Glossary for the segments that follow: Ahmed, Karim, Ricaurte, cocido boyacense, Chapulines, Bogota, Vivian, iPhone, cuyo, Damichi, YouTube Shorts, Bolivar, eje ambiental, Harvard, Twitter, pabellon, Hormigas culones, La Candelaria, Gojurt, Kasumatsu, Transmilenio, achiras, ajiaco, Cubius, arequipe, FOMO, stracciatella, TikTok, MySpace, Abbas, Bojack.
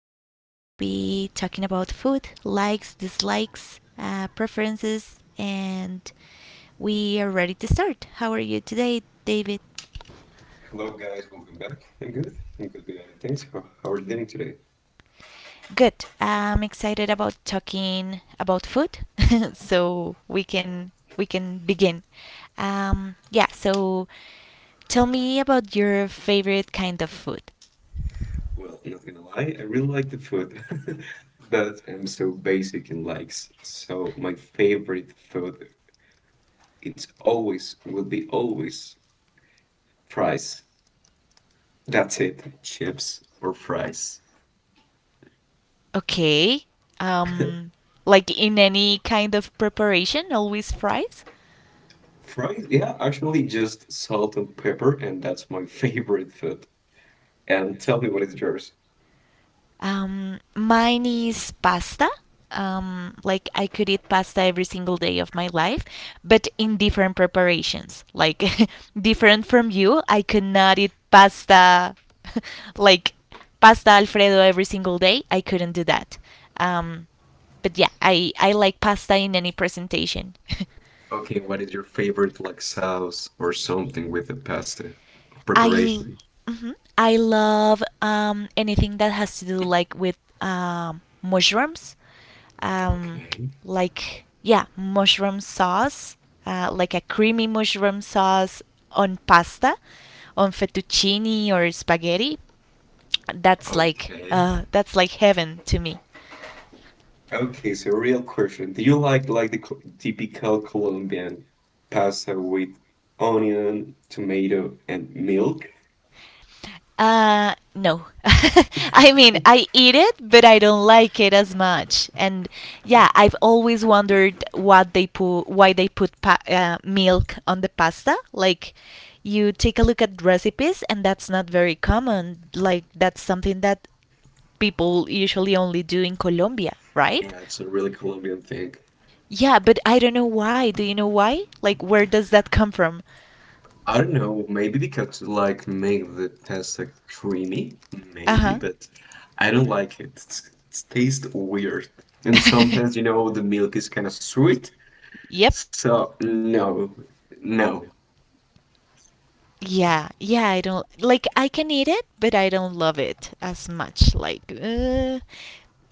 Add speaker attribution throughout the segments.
Speaker 1: today we will be talking about food, likes, dislikes, preferences, and we are ready to start. How are you today, David?
Speaker 2: Hello guys, welcome back. I'm good. I'm good behind the things. How are you doing today?
Speaker 1: Good. I'm excited about talking about food, so we can begin. Yeah. So tell me about your favorite kind of food.
Speaker 2: Well, not gonna lie, I really like the food, but I'm so basic in likes. So my favorite food, it's always will be always fries. That's it. Chips or fries.
Speaker 1: Okay. Um, like in any kind of preparation, always fries.
Speaker 2: Fries, yeah, actually just salt and pepper, and that's my favorite food. And tell me what is yours.
Speaker 1: Mine is pasta. Like I could eat pasta every single day of my life, but in different preparations. Like different from you, I could not eat pasta like pasta alfredo every single day. I couldn't do that. Um, but yeah, I like pasta in any presentation.
Speaker 2: Okay, what is your favorite like sauce or something with the pasta
Speaker 1: I l-
Speaker 2: preparation?
Speaker 1: mhm. I love anything that has to do like with mushrooms, um,
Speaker 2: Okay.
Speaker 1: like yeah, mushroom sauce, like a creamy mushroom sauce on pasta, on fettuccine or spaghetti. That's like
Speaker 2: Okay.
Speaker 1: uh, that's like heaven to me.
Speaker 2: Okay, so real question. Do you like the typical Colombian pasta with onion, tomato, and milk?
Speaker 1: No. I mean, I eat it, but I don't like it as much. And yeah, I've always wondered why they put milk on the pasta. Like, you take a look at recipes, and that's not very common. Like, that's something that people usually only do in Colombia, right?
Speaker 2: Yeah, it's a really Colombian thing.
Speaker 1: Yeah, but I don't know why. Do you know why? Like, where does that come from?
Speaker 2: I don't know, maybe because like make the pasta creamy, maybe,
Speaker 1: Uh
Speaker 2: but I don't like it. It's taste weird. And
Speaker 1: huh.
Speaker 2: sometimes, you know, the milk is kind of sweet.
Speaker 1: Yep.
Speaker 2: So no, no,
Speaker 1: Yeah, yeah, I don't like, I can eat it, but I don't love it as much. Like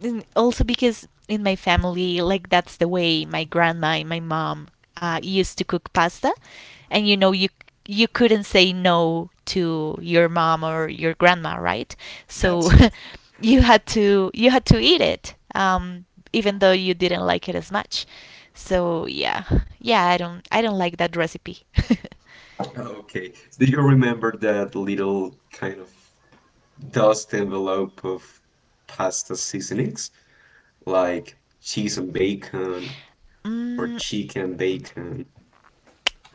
Speaker 1: and also because in my family, like that's the way my grandma and my mom used to cook pasta, and you know you couldn't say no to your mom or your grandma, right? So
Speaker 2: that's it.
Speaker 1: you had to eat it, even though you didn't like it as much. So yeah, yeah, I don't like that recipe.
Speaker 2: Okay. Do you remember that little kind of dust envelope of pasta seasonings? Like cheese and bacon or
Speaker 1: Mm,
Speaker 2: chicken and bacon.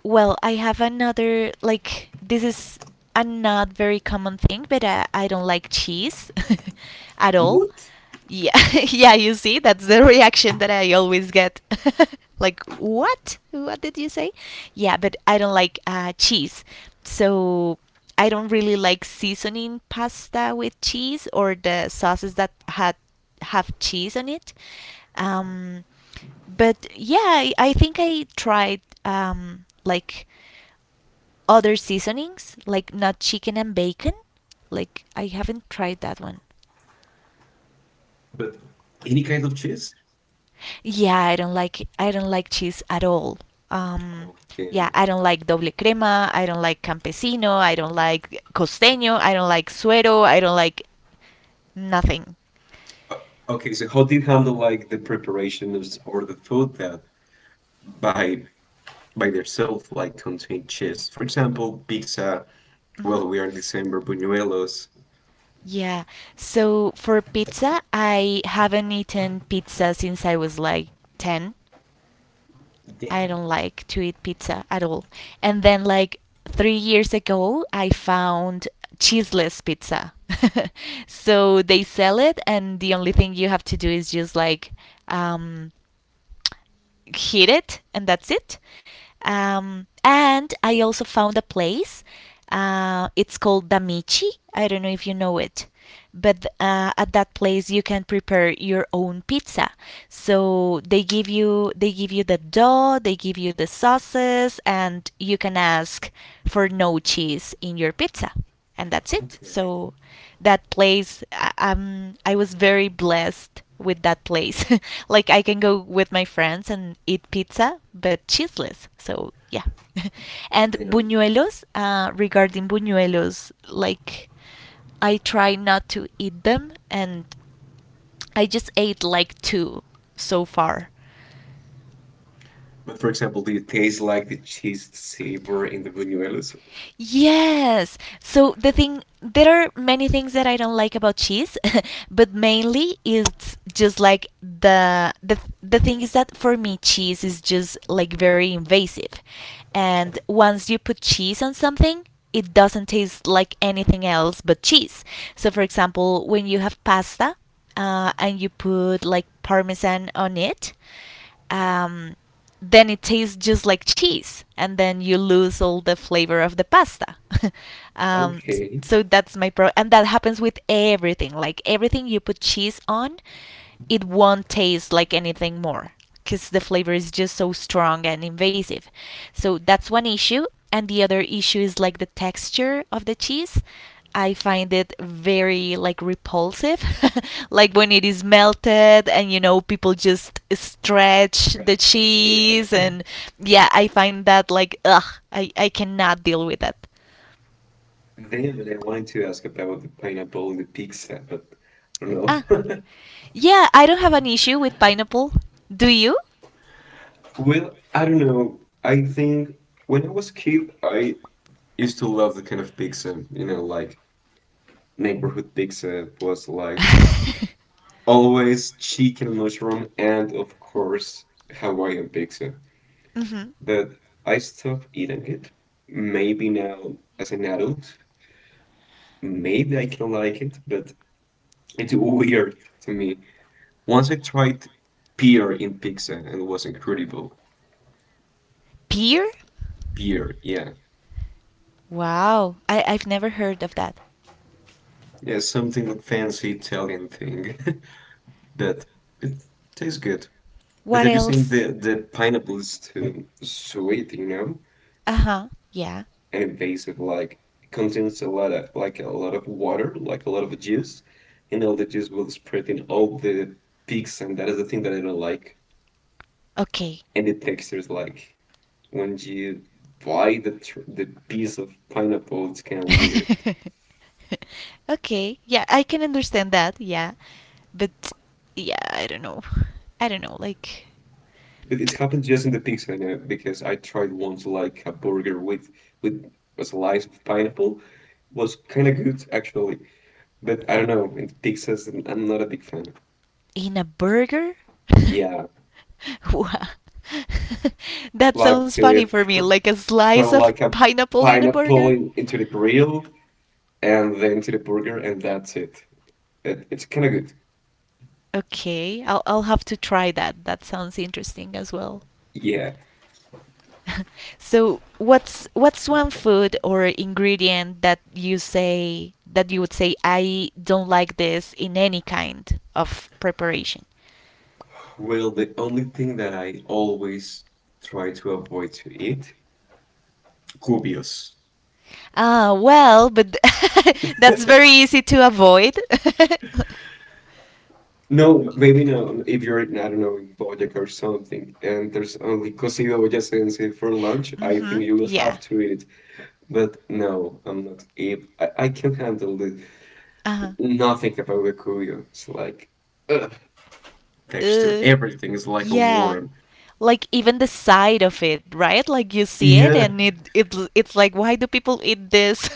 Speaker 1: well, I have another like this is a not very common thing, but I don't like cheese at all.
Speaker 2: What?
Speaker 1: Yeah, yeah, you see, that's the reaction that I always get. Like, what? What did you say? Yeah, but I don't like cheese. So I don't really like seasoning pasta with cheese or the sauces that had have cheese on it. Um, but yeah, I think I tried like other seasonings, like not chicken and bacon. Like I haven't tried that one.
Speaker 2: But any kind of cheese?
Speaker 1: Yeah, I don't like cheese at all. Um,
Speaker 2: Oh,
Speaker 1: yeah,
Speaker 2: damn.
Speaker 1: I don't like doble crema. I don't like campesino. I don't like costeño. I don't like suero. I don't like nothing.
Speaker 2: Okay, so how do you handle like the preparations or the food that by by themselves like contain cheese? For example, pizza.
Speaker 1: Mhm.
Speaker 2: Well, we are in December, buñuelos.
Speaker 1: Yeah. So for pizza, I haven't eaten pizza since I was like 10. I
Speaker 2: Damn.
Speaker 1: don't like to eat pizza at all. And then like 3 years ago, I found cheeseless pizza. So they sell it, and the only thing you have to do is just like um, hit it, and that's it. And I also found a place. It's called Damichi. I don't know if you know it, but at that place you can prepare your own pizza. So they give you the dough, they give you the sauces, and you can ask for no cheese in your pizza and that's it.
Speaker 2: Okay.
Speaker 1: So that place, I was very blessed with that place. Like I can go with my friends and eat pizza, but cheeseless. So yeah. And
Speaker 2: Damn.
Speaker 1: buñuelos, regarding buñuelos, like I try not to eat them, and I just ate like two so far.
Speaker 2: But for example, do you taste like the cheese savor in the buñuelos?
Speaker 1: Yes. So there are many things that I don't like about cheese, but mainly it's just like the thing is that for me cheese is just like very invasive. And once you put cheese on something, it doesn't taste like anything else but cheese. So for example, when you have pasta and you put like parmesan on it, um, then it tastes just like cheese, and then you lose all the flavor of the pasta. um,
Speaker 2: Okay,
Speaker 1: so that's my pro, and that happens with everything. Like everything you put cheese on, it won't taste like anything more because the flavor is just so strong and invasive. So that's one issue, and the other issue is like the texture of the cheese. I find it very like repulsive. Like when it is melted and you know people just stretch the
Speaker 2: trash. Yeah.
Speaker 1: cheese and yeah, I find that like ugh, I cannot deal with that.
Speaker 2: Then I wanted to ask about the pineapple in the pizza, but I don't
Speaker 1: Ah.
Speaker 2: know.
Speaker 1: Yeah, I don't have an issue with pineapple. Do you?
Speaker 2: Well, I don't know. I think when I was kid, I used to love the kind of pizza, you know, like neighborhood pizza was like always chicken and mushroom, and of course Hawaiian pizza.
Speaker 1: hmm
Speaker 2: But I stopped eating it, maybe now as an adult. Maybe I can like it, but it's weird to me. Once I tried beer in pizza and it was incredible.
Speaker 1: Pear?
Speaker 2: Beer, yeah.
Speaker 1: Wow. I've never heard of that.
Speaker 2: Yeah, something like fancy Italian thing. But it tastes good. But
Speaker 1: What
Speaker 2: I just think
Speaker 1: else?
Speaker 2: the pineapple is too sweet, you know?
Speaker 1: Uh-huh. Yeah.
Speaker 2: And invasive, like it contains a lot of, like a lot of water, like a lot of juice, and all the juice will spread in all the pizza, and that is the thing that I don't like.
Speaker 1: Okay.
Speaker 2: And the texture is like, when you buy the tr the piece of pineapple, it's kind of weird.
Speaker 1: Okay. Yeah, I can understand that. Yeah. But yeah, I don't know. I don't know. Like
Speaker 2: But it happens just in the pizza, you know, because I tried once like a burger with a slice of pineapple. Was kind of good actually, but I don't know. In pizzas, I'm not a big fan.
Speaker 1: in a burger?
Speaker 2: Yeah,
Speaker 1: Wha- that
Speaker 2: like
Speaker 1: sounds funny
Speaker 2: to
Speaker 1: for me.
Speaker 2: thr
Speaker 1: Like a slice
Speaker 2: throw
Speaker 1: of
Speaker 2: like a
Speaker 1: pineapple in a
Speaker 2: pineapple
Speaker 1: burger?
Speaker 2: into the grill and then to the burger, and that's it. It's kind of good.
Speaker 1: Okay. I'll have to try that. That sounds interesting as well.
Speaker 2: Yeah.
Speaker 1: So what's one food or ingredient that you say that you would say I don't like this in any kind of preparation?
Speaker 2: Well, the only thing that I always try to avoid to eat, dubious.
Speaker 1: Ah, well, but that's very easy to avoid.
Speaker 2: No, maybe no. If you're, I don't know, in Bojack or something, and there's only cocido boyacense for lunch, I
Speaker 1: Mhm.
Speaker 2: think you will
Speaker 1: Yeah.
Speaker 2: have to eat it. But no, I'm not. If I can handle it,
Speaker 1: Uh-huh.
Speaker 2: nothing about the cuyo. It's like ugh, texture.
Speaker 1: Ugh.
Speaker 2: Everything is like a
Speaker 1: Yeah.
Speaker 2: worm.
Speaker 1: Like even the side of it, right? Like you see it
Speaker 2: Yeah,
Speaker 1: and it's like why do people eat this?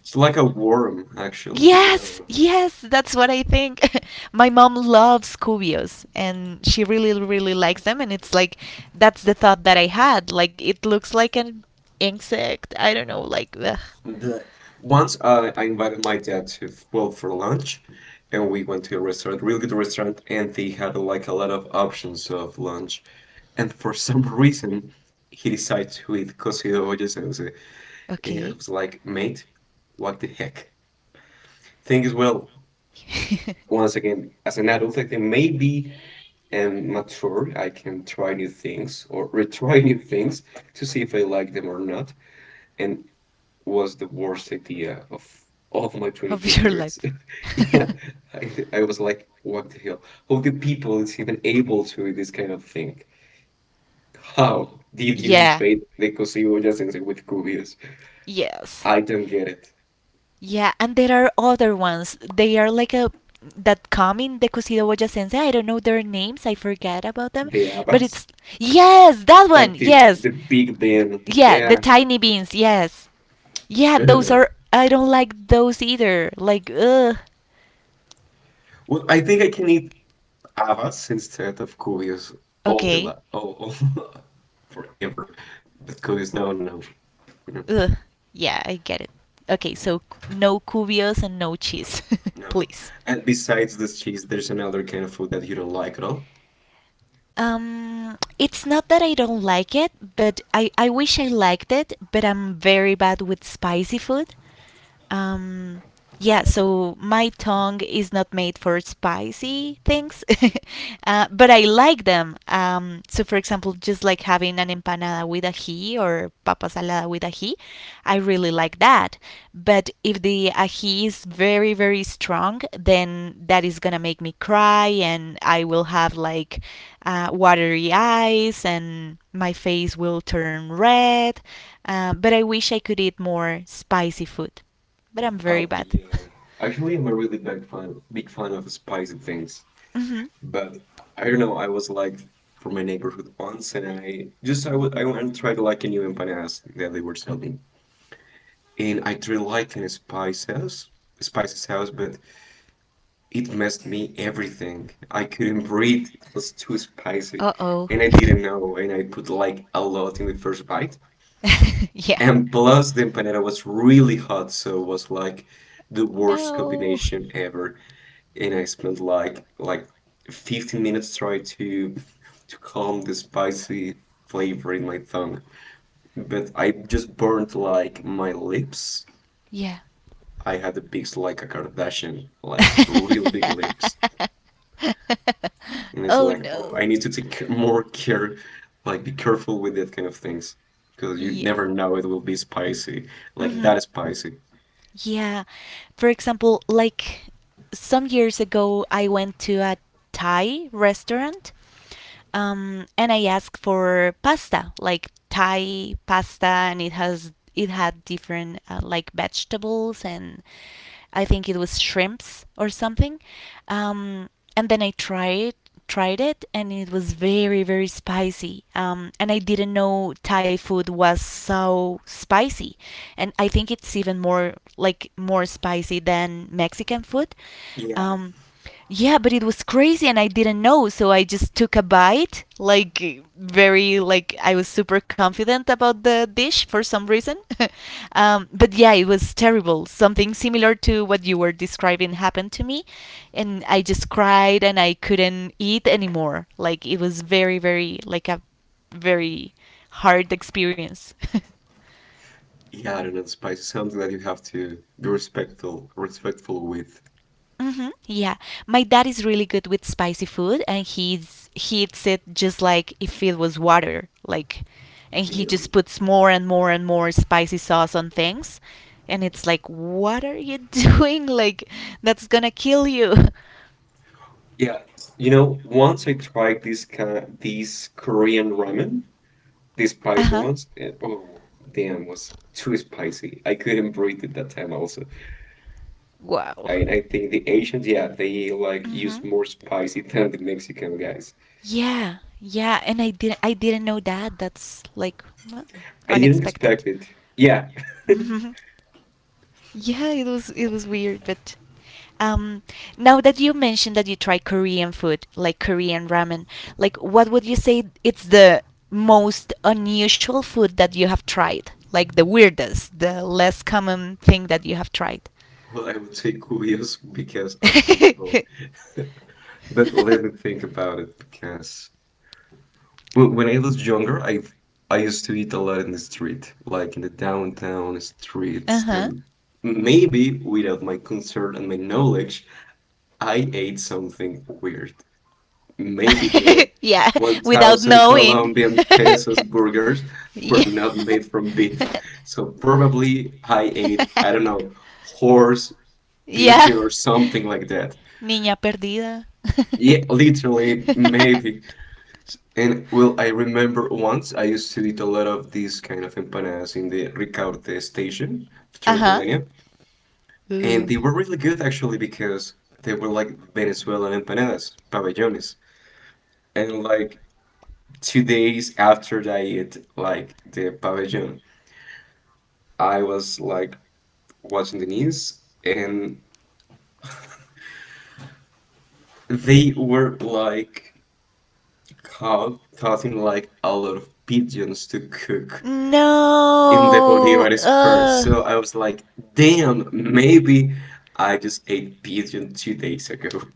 Speaker 2: it's like a worm, actually. No.
Speaker 1: Yes, yes, that's what I think. My mom loves cubios and she really really likes them and it's like that's the thought that I had. Like it looks like an insect. I don't know, like ugh.
Speaker 2: The, Once I invited my dad to, well, for lunch, and we went to a restaurant, really good restaurant, and they had like a lot of options of lunch. And for some reason, he decided to eat cocido boyacense. And I
Speaker 1: Okay.
Speaker 2: was like, mate, what the heck? Thing is, well, once again, as an adult, I think maybe am mature. I can try new things or retry new things to see if I like them or not. And was the worst idea of all of my 23
Speaker 1: Of your
Speaker 2: years.
Speaker 1: life.
Speaker 2: Yeah, I was like, what the hell? How the people is even able to do this kind of thing? How did you
Speaker 1: Yeah.
Speaker 2: invade the Cosimoya Sensei with Cubius?
Speaker 1: Yes.
Speaker 2: I don't get it.
Speaker 1: Yeah, and there are other ones. They are like a that come in the Cocido Boya Sensei. I don't know their names. I forget about them.
Speaker 2: The
Speaker 1: But
Speaker 2: Abbas?
Speaker 1: it's yes, that one.
Speaker 2: Like the
Speaker 1: Yes,
Speaker 2: the Big Ben.
Speaker 1: yeah, the
Speaker 2: Yeah.
Speaker 1: tiny beans. Yes, yeah, those
Speaker 2: Ugh.
Speaker 1: are. I don't like those either. Like ugh.
Speaker 2: Well, I think I can eat Abbas instead of Cubius all the
Speaker 1: Okay.
Speaker 2: la all forever. But Cubius, no, no, no.
Speaker 1: Ugh. Yeah, I get it. Okay, so no cubios and no cheese,
Speaker 2: No.
Speaker 1: please.
Speaker 2: And besides this cheese, there's another kind of food that you don't like at all?
Speaker 1: It's not that I don't like it, but I wish I liked it, but I'm very bad with spicy food. Um, yeah, so my tongue is not made for spicy things, but I like them. So, for example, just like having an empanada with ají or papa salada with ají, I really like that. But if the ají is very, very strong, then that is gonna make me cry and I will have like watery eyes and my face will turn red. But I wish I could eat more spicy food but I'm very
Speaker 2: Oh,
Speaker 1: bad.
Speaker 2: yeah. Actually, I'm a really big fan of spicy things.
Speaker 1: Hmm.
Speaker 2: But I don't know, I was like from my neighborhood once and I just I would I went and tried like a new empanadas that they were selling. And I tried like in a spice house, a spicy house, but it messed me everything. I couldn't breathe. It was too spicy.
Speaker 1: Uh oh.
Speaker 2: And I didn't know, and I put like a lot in the first bite.
Speaker 1: Yeah.
Speaker 2: And plus, the empanada was really hot, so it was like the worst
Speaker 1: No.
Speaker 2: combination ever. And I spent like 15 minutes trying to calm the spicy flavor in my tongue. But I just burned like my lips.
Speaker 1: Yeah.
Speaker 2: I had the big like a Kardashian, like really big lips. And it's
Speaker 1: Oh
Speaker 2: like, oh, I
Speaker 1: no.
Speaker 2: need to more care, like be careful with that kind of things, because you never
Speaker 1: Yeah.
Speaker 2: know it will be spicy, like
Speaker 1: Hmm.
Speaker 2: that is spicy.
Speaker 1: Yeah. For example, like some years ago, I went to a Thai restaurant, and I asked for pasta, like Thai pasta, and it had different like vegetables and I think it was shrimps or something. Um, and then I tried it and it was very very spicy and I didn't know Thai food was so spicy, and I think it's even more like more spicy than Mexican food.
Speaker 2: Yeah.
Speaker 1: Um, yeah, but it was crazy and I didn't know, so I just took a bite, like I was super confident about the dish for some reason. But yeah, it was terrible. Something similar to what you were describing happened to me, and I just cried and I couldn't eat anymore. Like it was very very like a very hard experience.
Speaker 2: Yeah, I don't know. The spice is something that you have to be respectful with.
Speaker 1: Hmm. Yeah, my dad is really good with spicy food, and he eats it just like if it was water, like, and he
Speaker 2: Damn.
Speaker 1: just puts more and more and more spicy sauce on things, and it's like, what are you doing? Like, that's gonna kill you.
Speaker 2: Yeah, you know, once I tried this kind, these Korean ramen, this
Speaker 1: Uh
Speaker 2: spicy
Speaker 1: huh.
Speaker 2: ones, and oh, damn, was too spicy. I couldn't breathe at that time also.
Speaker 1: Wow.
Speaker 2: I think the Asians, yeah, they like
Speaker 1: Mm-hmm.
Speaker 2: use more spicy than the Mexican guys.
Speaker 1: Yeah, yeah, and I didn't know that. That's like well,
Speaker 2: I didn't
Speaker 1: unexpected.
Speaker 2: expect it. Yeah.
Speaker 1: Hmm. Yeah, it was weird, but Um, now that you mentioned that you try Korean food, like Korean ramen, like what would you say it's the most unusual food that you have tried? Like the weirdest, the less common thing that you have tried?
Speaker 2: Well, I would say cuyos because are horrible. But let me think about it because when I was younger, I used to eat a lot in the street, like in the downtown streets,
Speaker 1: Uh-huh.
Speaker 2: and maybe without my concern and my knowledge, I ate something weird. Maybe the
Speaker 1: Yeah, without
Speaker 2: 1,000
Speaker 1: knowing.
Speaker 2: Colombian pesos burgers were
Speaker 1: Yeah.
Speaker 2: not made from beef, so probably I ate, I don't know, horse,
Speaker 1: Yeah.
Speaker 2: pigeon, or something like that.
Speaker 1: Niña perdida.
Speaker 2: Yeah, literally, maybe. And well, I remember once I used to eat a lot of these kind of empanadas in the Ricaurte station of
Speaker 1: Uh huh.
Speaker 2: Transmilenio, and they were really good actually because they were like Venezuelan empanadas, pabellones. And like 2 days after I ate like the pabellon, I was like watching the news, and they were like caught in like a lot of pigeons to cook in the
Speaker 1: No.
Speaker 2: Bolivar Square. So I was like, damn, maybe I just ate pigeon 2 days ago.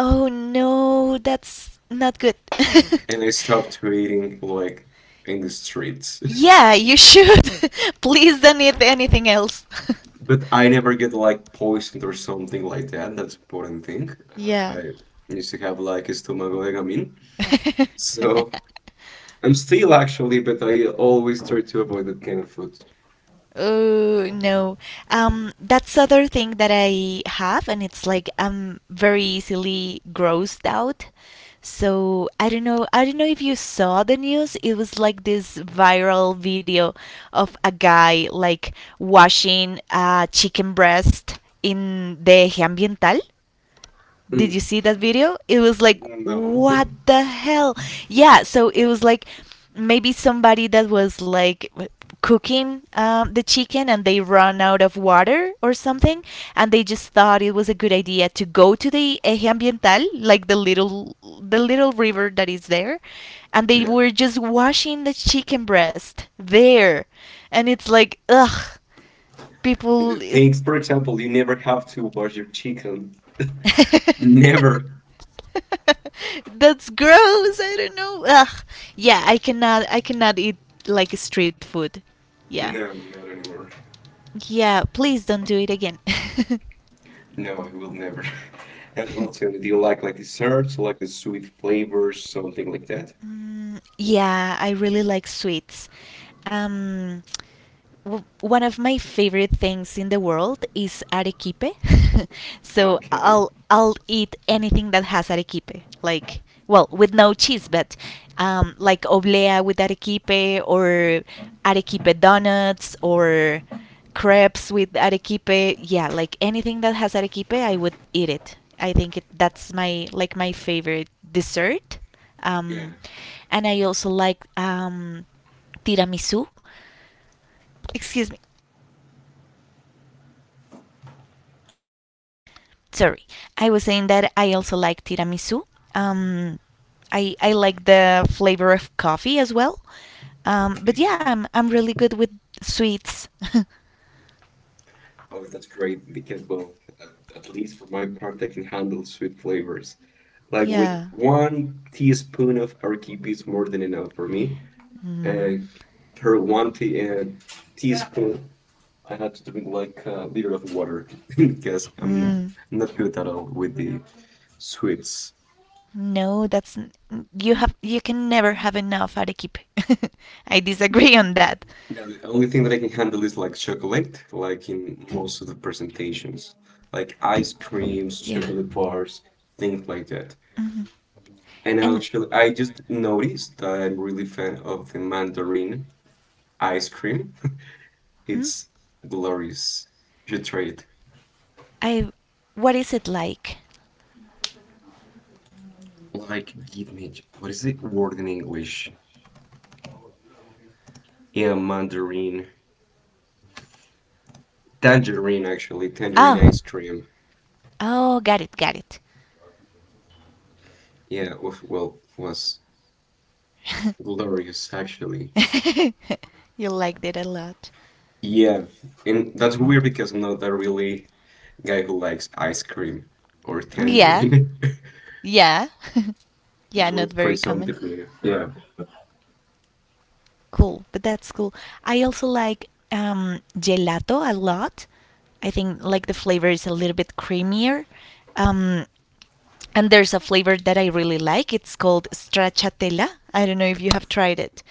Speaker 1: Oh no, that's not good.
Speaker 2: And I stopped eating like in the streets.
Speaker 1: Yeah, you should. Please don't eat anything else.
Speaker 2: But I never get like poisoned or something like that. That's important thing.
Speaker 1: Yeah.
Speaker 2: I used to have like a stomachache, so I'm still actually, but I always try to avoid that kind of food.
Speaker 1: Oh no. That's other thing that I have, and it's like I'm very easily grossed out. So I don't know. I don't know if you saw the news. It was like this viral video of a guy like washing a chicken breast in the eje ambiental. Did
Speaker 2: Mm,
Speaker 1: you see that video? It was like,
Speaker 2: no.
Speaker 1: what the hell? Yeah, so it was like maybe somebody that was like cooking the chicken and they run out of water or something, and they just thought it was a good idea to go to the eje ambiental, like the little river that is there, and they
Speaker 2: Yeah.
Speaker 1: were just washing the chicken breast there and it's like ugh,
Speaker 2: And
Speaker 1: people
Speaker 2: the
Speaker 1: it,
Speaker 2: things, for example, you never have to wash your chicken. Never.
Speaker 1: That's gross. I don't know. Ugh. Yeah, I cannot eat like street food. Yeah,
Speaker 2: No, not anymore.
Speaker 1: yeah. Please don't do it again.
Speaker 2: No, I will never. And well, tell me, do you like desserts, like the sweet flavors, something like that?
Speaker 1: Mm, yeah, I really like sweets. Um, One of my favorite things in the world is arequipe. So
Speaker 2: Okay.
Speaker 1: I'll eat anything that has arequipe, like well, with no cheese, but like oblea with arequipe, or arequipe donuts, or crepes with arequipe. Yeah, like anything that has arequipe, I would eat it. I think that's my like my favorite dessert.
Speaker 2: Yeah.
Speaker 1: Um, and I also like tiramisu. Excuse me. Sorry, I was saying that I also like tiramisu. Um, I like the flavor of coffee as well. But
Speaker 2: Okay.
Speaker 1: yeah, I'm really good with sweets.
Speaker 2: Oh, that's great because, well, at, at least for my part, I can handle sweet flavors. Like with
Speaker 1: Yeah.
Speaker 2: one teaspoon of arequipe is more than enough for me.
Speaker 1: Mm.
Speaker 2: And per one teaspoon, I had to drink like a liter of water because I'm
Speaker 1: Mm.
Speaker 2: not good at all with the sweets.
Speaker 1: No, that's you have you can never have enough arequipe. I disagree on that.
Speaker 2: Yeah, the only thing that I can handle is like chocolate, like in most of the presentations, like ice creams,
Speaker 1: Yeah.
Speaker 2: chocolate bars, things like that.
Speaker 1: Hmm.
Speaker 2: And
Speaker 1: And
Speaker 2: actually, I just noticed that I'm really fan of the mandarin ice cream.
Speaker 1: hmm,
Speaker 2: It's glorious. You try it.
Speaker 1: I, what is it like?
Speaker 2: Like, give me what is the word in English? Yeah, mandarin, tangerine actually, tangerine
Speaker 1: Oh.
Speaker 2: ice cream.
Speaker 1: Oh, got it, got it.
Speaker 2: Yeah, well, was glorious actually.
Speaker 1: You liked it a lot.
Speaker 2: Yeah, and that's weird because I'm not a really guy who likes ice cream or
Speaker 1: Yeah.
Speaker 2: tangerine.
Speaker 1: Yeah. Yeah,
Speaker 2: Just wanted
Speaker 1: not
Speaker 2: to try
Speaker 1: very
Speaker 2: something
Speaker 1: common.
Speaker 2: new. Yeah.
Speaker 1: Cool, but that's cool. I also like gelato a lot. I think like the flavor is a little bit creamier. Um, and there's a flavor that I really like. It's called stracciatella. I don't know if you have tried it,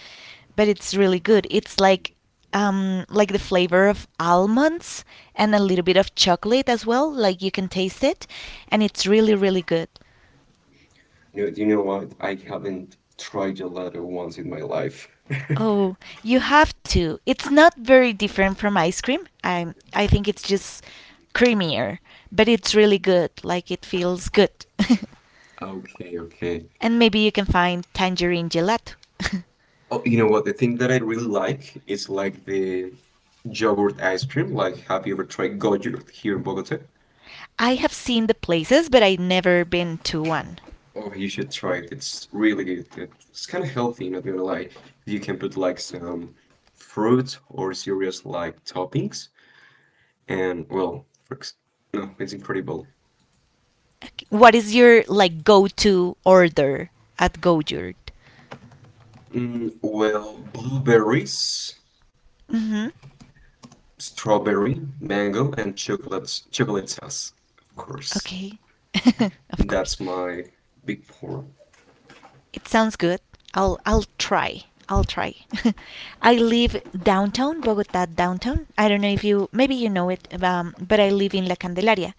Speaker 1: but it's really good. It's like the flavor of almonds and a little bit of chocolate as well. Like you can taste it, and it's really really good.
Speaker 2: No, do you know what? I haven't tried gelato once in my life.
Speaker 1: Oh, you have to. It's not very different from ice cream. I think it's just creamier, but it's really good. Like it feels good.
Speaker 2: Okay, okay.
Speaker 1: And maybe you can find tangerine gelato.
Speaker 2: Oh, you know what? The thing that I really like is like the yogurt ice cream. Like, have you ever tried Gojurt here in Bogota?
Speaker 1: I have seen the places, but I've never been to one.
Speaker 2: Oh, you should try it. It's really good. It's kind of healthy, not gonna lie. You can put like some fruit or serious like toppings. And, well, for no, it's incredible.
Speaker 1: Okay. What is your like go-to order at Gojurt?
Speaker 2: Mm, well, blueberries,
Speaker 1: Mm-hmm.
Speaker 2: strawberry, mango, and chocolate sauce, of course.
Speaker 1: Okay. Of course.
Speaker 2: That's my big four.
Speaker 1: It sounds good. I'll try. I'll try. I live downtown Bogota downtown. I don't know if you maybe you know it, but I live in La Candelaria,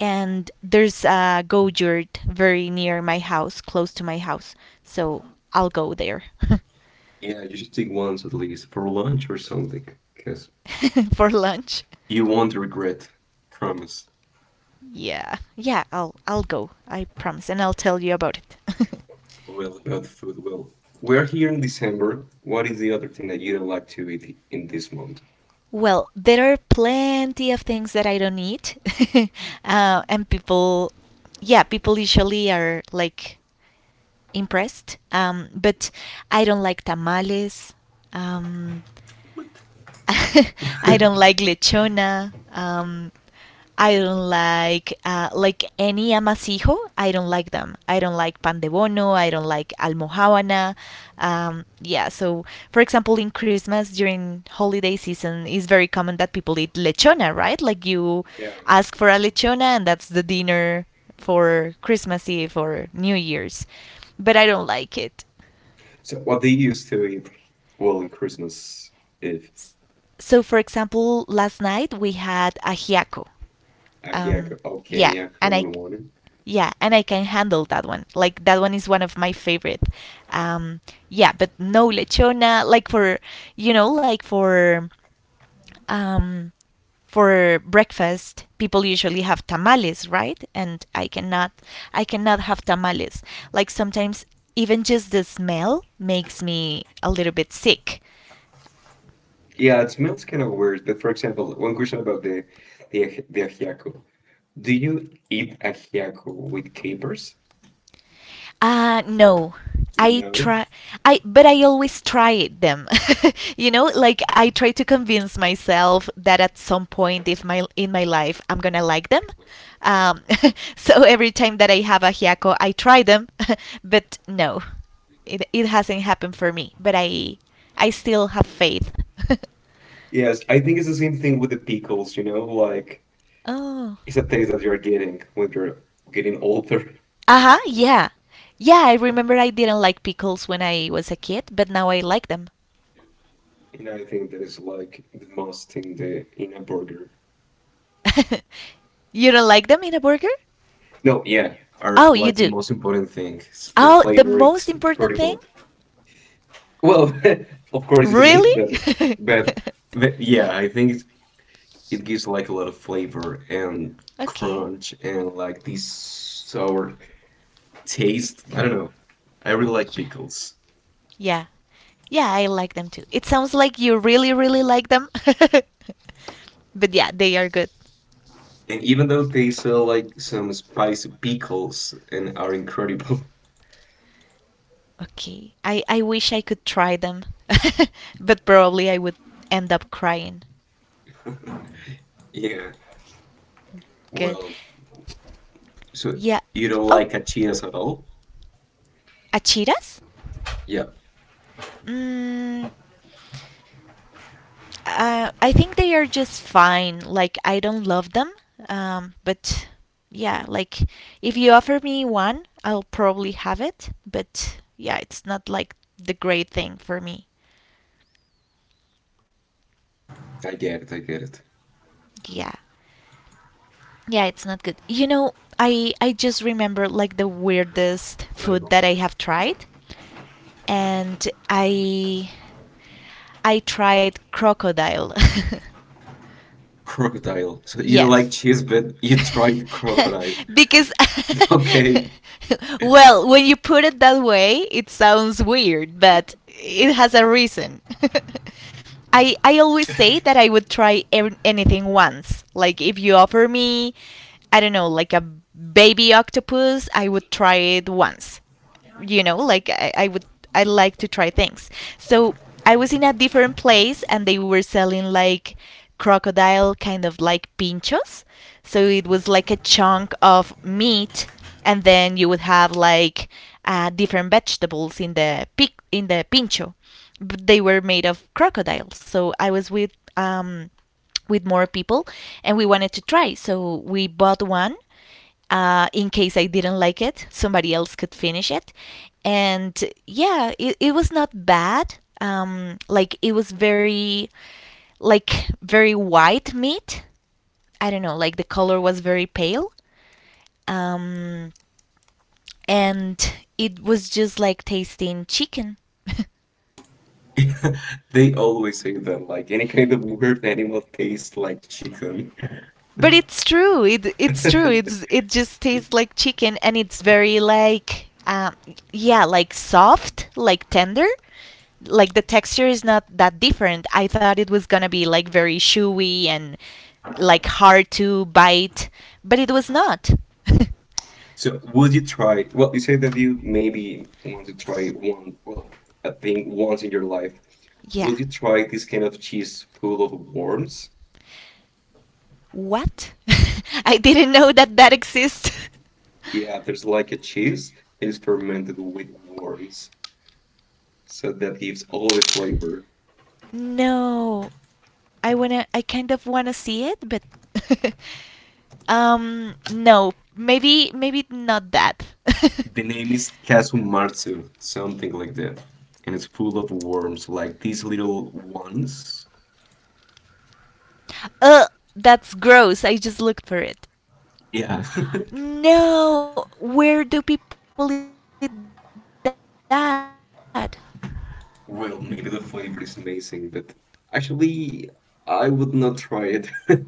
Speaker 1: and there's a go yurt very near my house, close to my house. So I'll go there.
Speaker 2: Yeah, you should take once at least for lunch or something, because
Speaker 1: For lunch.
Speaker 2: you won't regret. Promise.
Speaker 1: Yeah, yeah. I'll go. I promise, and I'll tell you about it.
Speaker 2: Well, about food, well, we are here in December. What is the other thing that you don't like to eat in this month?
Speaker 1: Well, there are plenty of things that I don't eat. And people, yeah, people usually are like impressed. But I don't like tamales. Um,
Speaker 2: What?
Speaker 1: I don't like lechona. I don't like any amasijo. I don't like them. I don't like pan de bono. I don't like almohábana. Yeah. So, for example, in Christmas during holiday season, it's very common that people eat lechona, right? Like you
Speaker 2: Yeah.
Speaker 1: ask for a lechona, and that's the dinner for Christmas Eve or New Year's. But I don't like it.
Speaker 2: So what they used to eat, well, in Christmas Eve.
Speaker 1: So, for example, last night we had ajiaco.
Speaker 2: Okay, yeah,
Speaker 1: Um,
Speaker 2: okay,
Speaker 1: yeah,
Speaker 2: yeah,
Speaker 1: and I
Speaker 2: common one.
Speaker 1: yeah, and I can handle that one. Like that one is one of my favorite. Um, yeah, but no lechona. Like for, you know, like for, um, for breakfast, people usually have tamales, right? And I cannot have tamales. Like sometimes even just the smell makes me a little bit sick.
Speaker 2: Yeah, it smells kind of weird, but for example, one question about the ajiaco. Do you eat ajiaco with capers?
Speaker 1: Uh, no. I
Speaker 2: No.
Speaker 1: try I but I always try them. You know, like I try to convince myself that at some point if my in my life I'm going to like them. Um, so every time that I have a hiako, I try them, but no. It hasn't happened for me, but I still have faith.
Speaker 2: Yes, I think it's the same thing with the pickles, like it's
Speaker 1: Oh.
Speaker 2: a taste that you're getting when you're getting older.
Speaker 1: Uh-huh, yeah. Yeah, I remember I didn't like pickles when I was a kid, but now I like them.
Speaker 2: And I think that is like the most in a burger.
Speaker 1: You don't like them in a burger?
Speaker 2: No, yeah, are
Speaker 1: Oh, you
Speaker 2: like the
Speaker 1: do.
Speaker 2: most important thing. The
Speaker 1: Oh, the
Speaker 2: flavor, it's
Speaker 1: most important thing?
Speaker 2: incredible. Well, of course it's a
Speaker 1: Really?
Speaker 2: meat, but but yeah, I think it gives like a lot of flavor and
Speaker 1: Okay.
Speaker 2: crunch and like this sour taste. I don't know. I really like
Speaker 1: Yeah.
Speaker 2: pickles.
Speaker 1: Yeah. Yeah, I like them too. It sounds like you really, really like them. But yeah, they are good.
Speaker 2: And even though they sell like some spicy pickles and are incredible,
Speaker 1: Okay. I wish I could try them. But probably I would end up crying.
Speaker 2: yeah.
Speaker 1: Good.
Speaker 2: Well, so
Speaker 1: Yeah.
Speaker 2: you don't
Speaker 1: Oh.
Speaker 2: like achiras at all?
Speaker 1: Achiras?
Speaker 2: Yeah,
Speaker 1: Mm, I think they are just fine. Like I don't love them, but yeah, like if you offer me one, I'll probably have it. But yeah, it's not like the great thing for me.
Speaker 2: I get it. I get it.
Speaker 1: Yeah, yeah, it's not good. You know, I just remember like the weirdest food that I have tried, and I tried crocodile.
Speaker 2: Crocodile. So you don't like
Speaker 1: Yes.
Speaker 2: cheese, but you tried crocodile.
Speaker 1: Because
Speaker 2: Okay.
Speaker 1: well, when you put it that way, it sounds weird, but it has a reason. I always say that I would try anything once. Like if you offer me, I don't know, like a baby octopus, I would try it once. You know like I would, I like to try things. So I was in a different place and they were selling like crocodile kind of like pinchos. So it was like a chunk of meat, and then you would have like different vegetables in the in the pincho. But they were made of crocodile. So I was with more people, and we wanted to try. So we bought one, in case I didn't like it, somebody else could finish it. And yeah, it was not bad. Like it was very like very white meat. I don't know, like the color was very pale. Um, and it was just like tasting chicken.
Speaker 2: They always say that like any kind of weird animal tastes like chicken.
Speaker 1: But it's true. It's true. It's it just tastes like chicken, and it's very like yeah, like soft, like tender, like the texture is not that different. I thought it was gonna be like very chewy and like hard to bite, but it was not.
Speaker 2: So would you try? Well, you say that you maybe want to try one, well, a thing once in your life.
Speaker 1: Yeah,
Speaker 2: Would you try this kind of cheese full of worms?
Speaker 1: what? I didn't know that that exists.
Speaker 2: Yeah, there's like a cheese that is fermented with worms, so that gives all the flavor.
Speaker 1: No, I wanna. I kind of wanna see it, but no, maybe not that.
Speaker 2: The name is Kasumatsu, something like that, and it's full of worms, like these little ones.
Speaker 1: Uh, that's gross. I just looked for it.
Speaker 2: Yeah.
Speaker 1: No, where do people eat that?
Speaker 2: Well, maybe the flavor is amazing, but actually, I would not try it.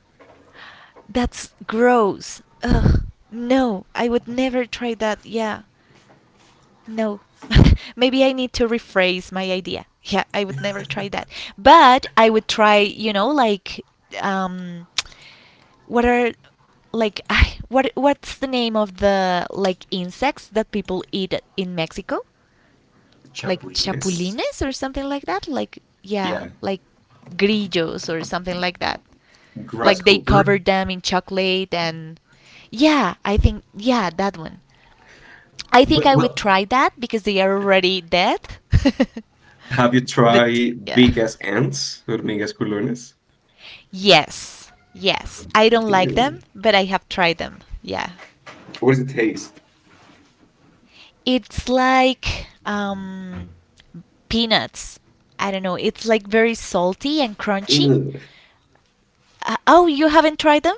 Speaker 1: That's gross. Ugh. No, I would never try that. Yeah. No. Maybe I need to rephrase my idea. Yeah, I would never try that. But I would try, you know, like um what are like, I what, what's the name of the like insects that people eat in Mexico? Like
Speaker 2: Chapulines?
Speaker 1: chapulines or something like that? Like yeah,
Speaker 2: Yeah,
Speaker 1: like grillos or something like that, like they
Speaker 2: grasshopper.
Speaker 1: covered them in chocolate, and yeah, I think yeah, that one. I think
Speaker 2: But,
Speaker 1: I would
Speaker 2: well,
Speaker 1: try that because they are already dead.
Speaker 2: have you
Speaker 1: But
Speaker 2: tried
Speaker 1: yeah.
Speaker 2: big ass ants? Hormigas culones?
Speaker 1: Yes. Yes. I don't like them,
Speaker 2: Damn.
Speaker 1: but I have tried them. Yeah.
Speaker 2: What does it taste?
Speaker 1: It's like peanuts. I don't know. It's like very salty and crunchy.
Speaker 2: Ugh,
Speaker 1: Oh, you haven't tried them?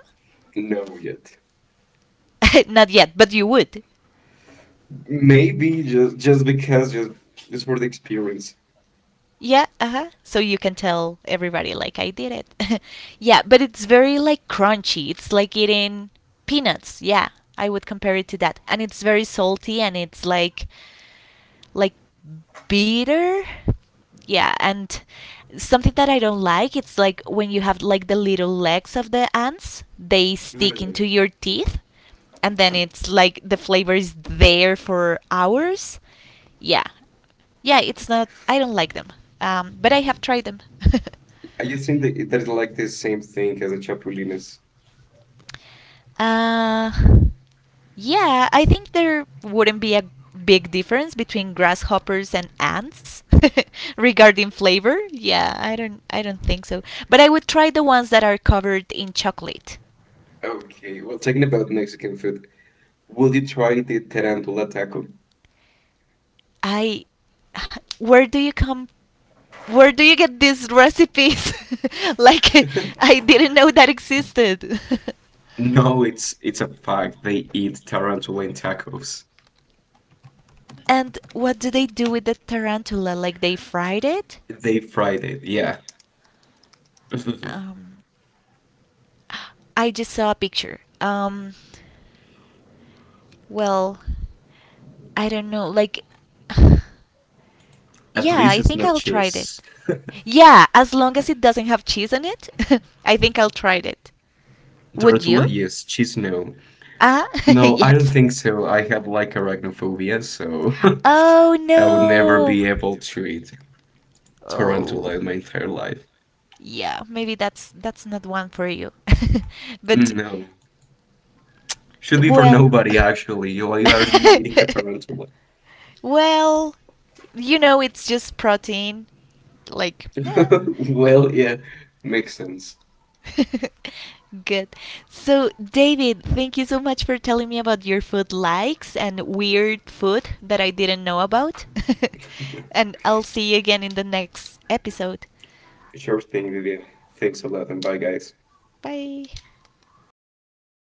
Speaker 2: no yet.
Speaker 1: Not yet, but you would.
Speaker 2: Maybe just because just for the experience.
Speaker 1: Yeah, uh-huh. So you can tell everybody like I did it. Yeah, but it's very like crunchy. It's like eating peanuts. Yeah, I would compare it to that. And it's very salty and it's like bitter, yeah, and something that I don't like, it's like when you have like the little legs of the ants, they stick into
Speaker 2: Ugh.
Speaker 1: your teeth, and then it's like the flavor is there for hours, yeah, yeah, it's not I don't like them. But I have tried them.
Speaker 2: I just think that that is like the same thing as the chapulines.
Speaker 1: Uh, yeah, I think there wouldn't be a big difference between grasshoppers and ants regarding flavor. Yeah, I don't think so. But I would try the ones that are covered in chocolate.
Speaker 2: Okay, well, talking about Mexican food, will you try the tarantula taco?
Speaker 1: I Where do you come, where do you get these recipes? Like I didn't know that existed.
Speaker 2: No, it's a fact. They eat tarantula in tacos.
Speaker 1: And what do they do with the tarantula? Like they fried it?
Speaker 2: They fried it, yeah.
Speaker 1: Um I just saw a picture. Well, I don't know. Like,
Speaker 2: At
Speaker 1: yeah, I
Speaker 2: least it's
Speaker 1: think
Speaker 2: not
Speaker 1: I'll try it.
Speaker 2: cheese.
Speaker 1: Yeah, as long as it doesn't have cheese on it, I think I'll try it. Would
Speaker 2: Tarantula,
Speaker 1: you?
Speaker 2: yes. Cheese, no.
Speaker 1: Ah,
Speaker 2: No, I don't
Speaker 1: yes.
Speaker 2: think so. I have like arachnophobia, so
Speaker 1: Oh
Speaker 2: I will never
Speaker 1: no.
Speaker 2: be able to eat
Speaker 1: Oh.
Speaker 2: tarantula in my entire life.
Speaker 1: Yeah, maybe that's not one for you. But
Speaker 2: No. Should be for
Speaker 1: well,
Speaker 2: nobody, actually. Why are you eating a tarantula?
Speaker 1: well, you know, it's just protein. Like, yeah.
Speaker 2: Well, yeah, makes sense.
Speaker 1: Good. So, David, thank you so much for telling me about your food likes and weird food that I didn't know about. And I'll see you again in the next episode.
Speaker 2: Sure thing, Vivian. Thanks a lot, and bye, guys.
Speaker 1: Bye.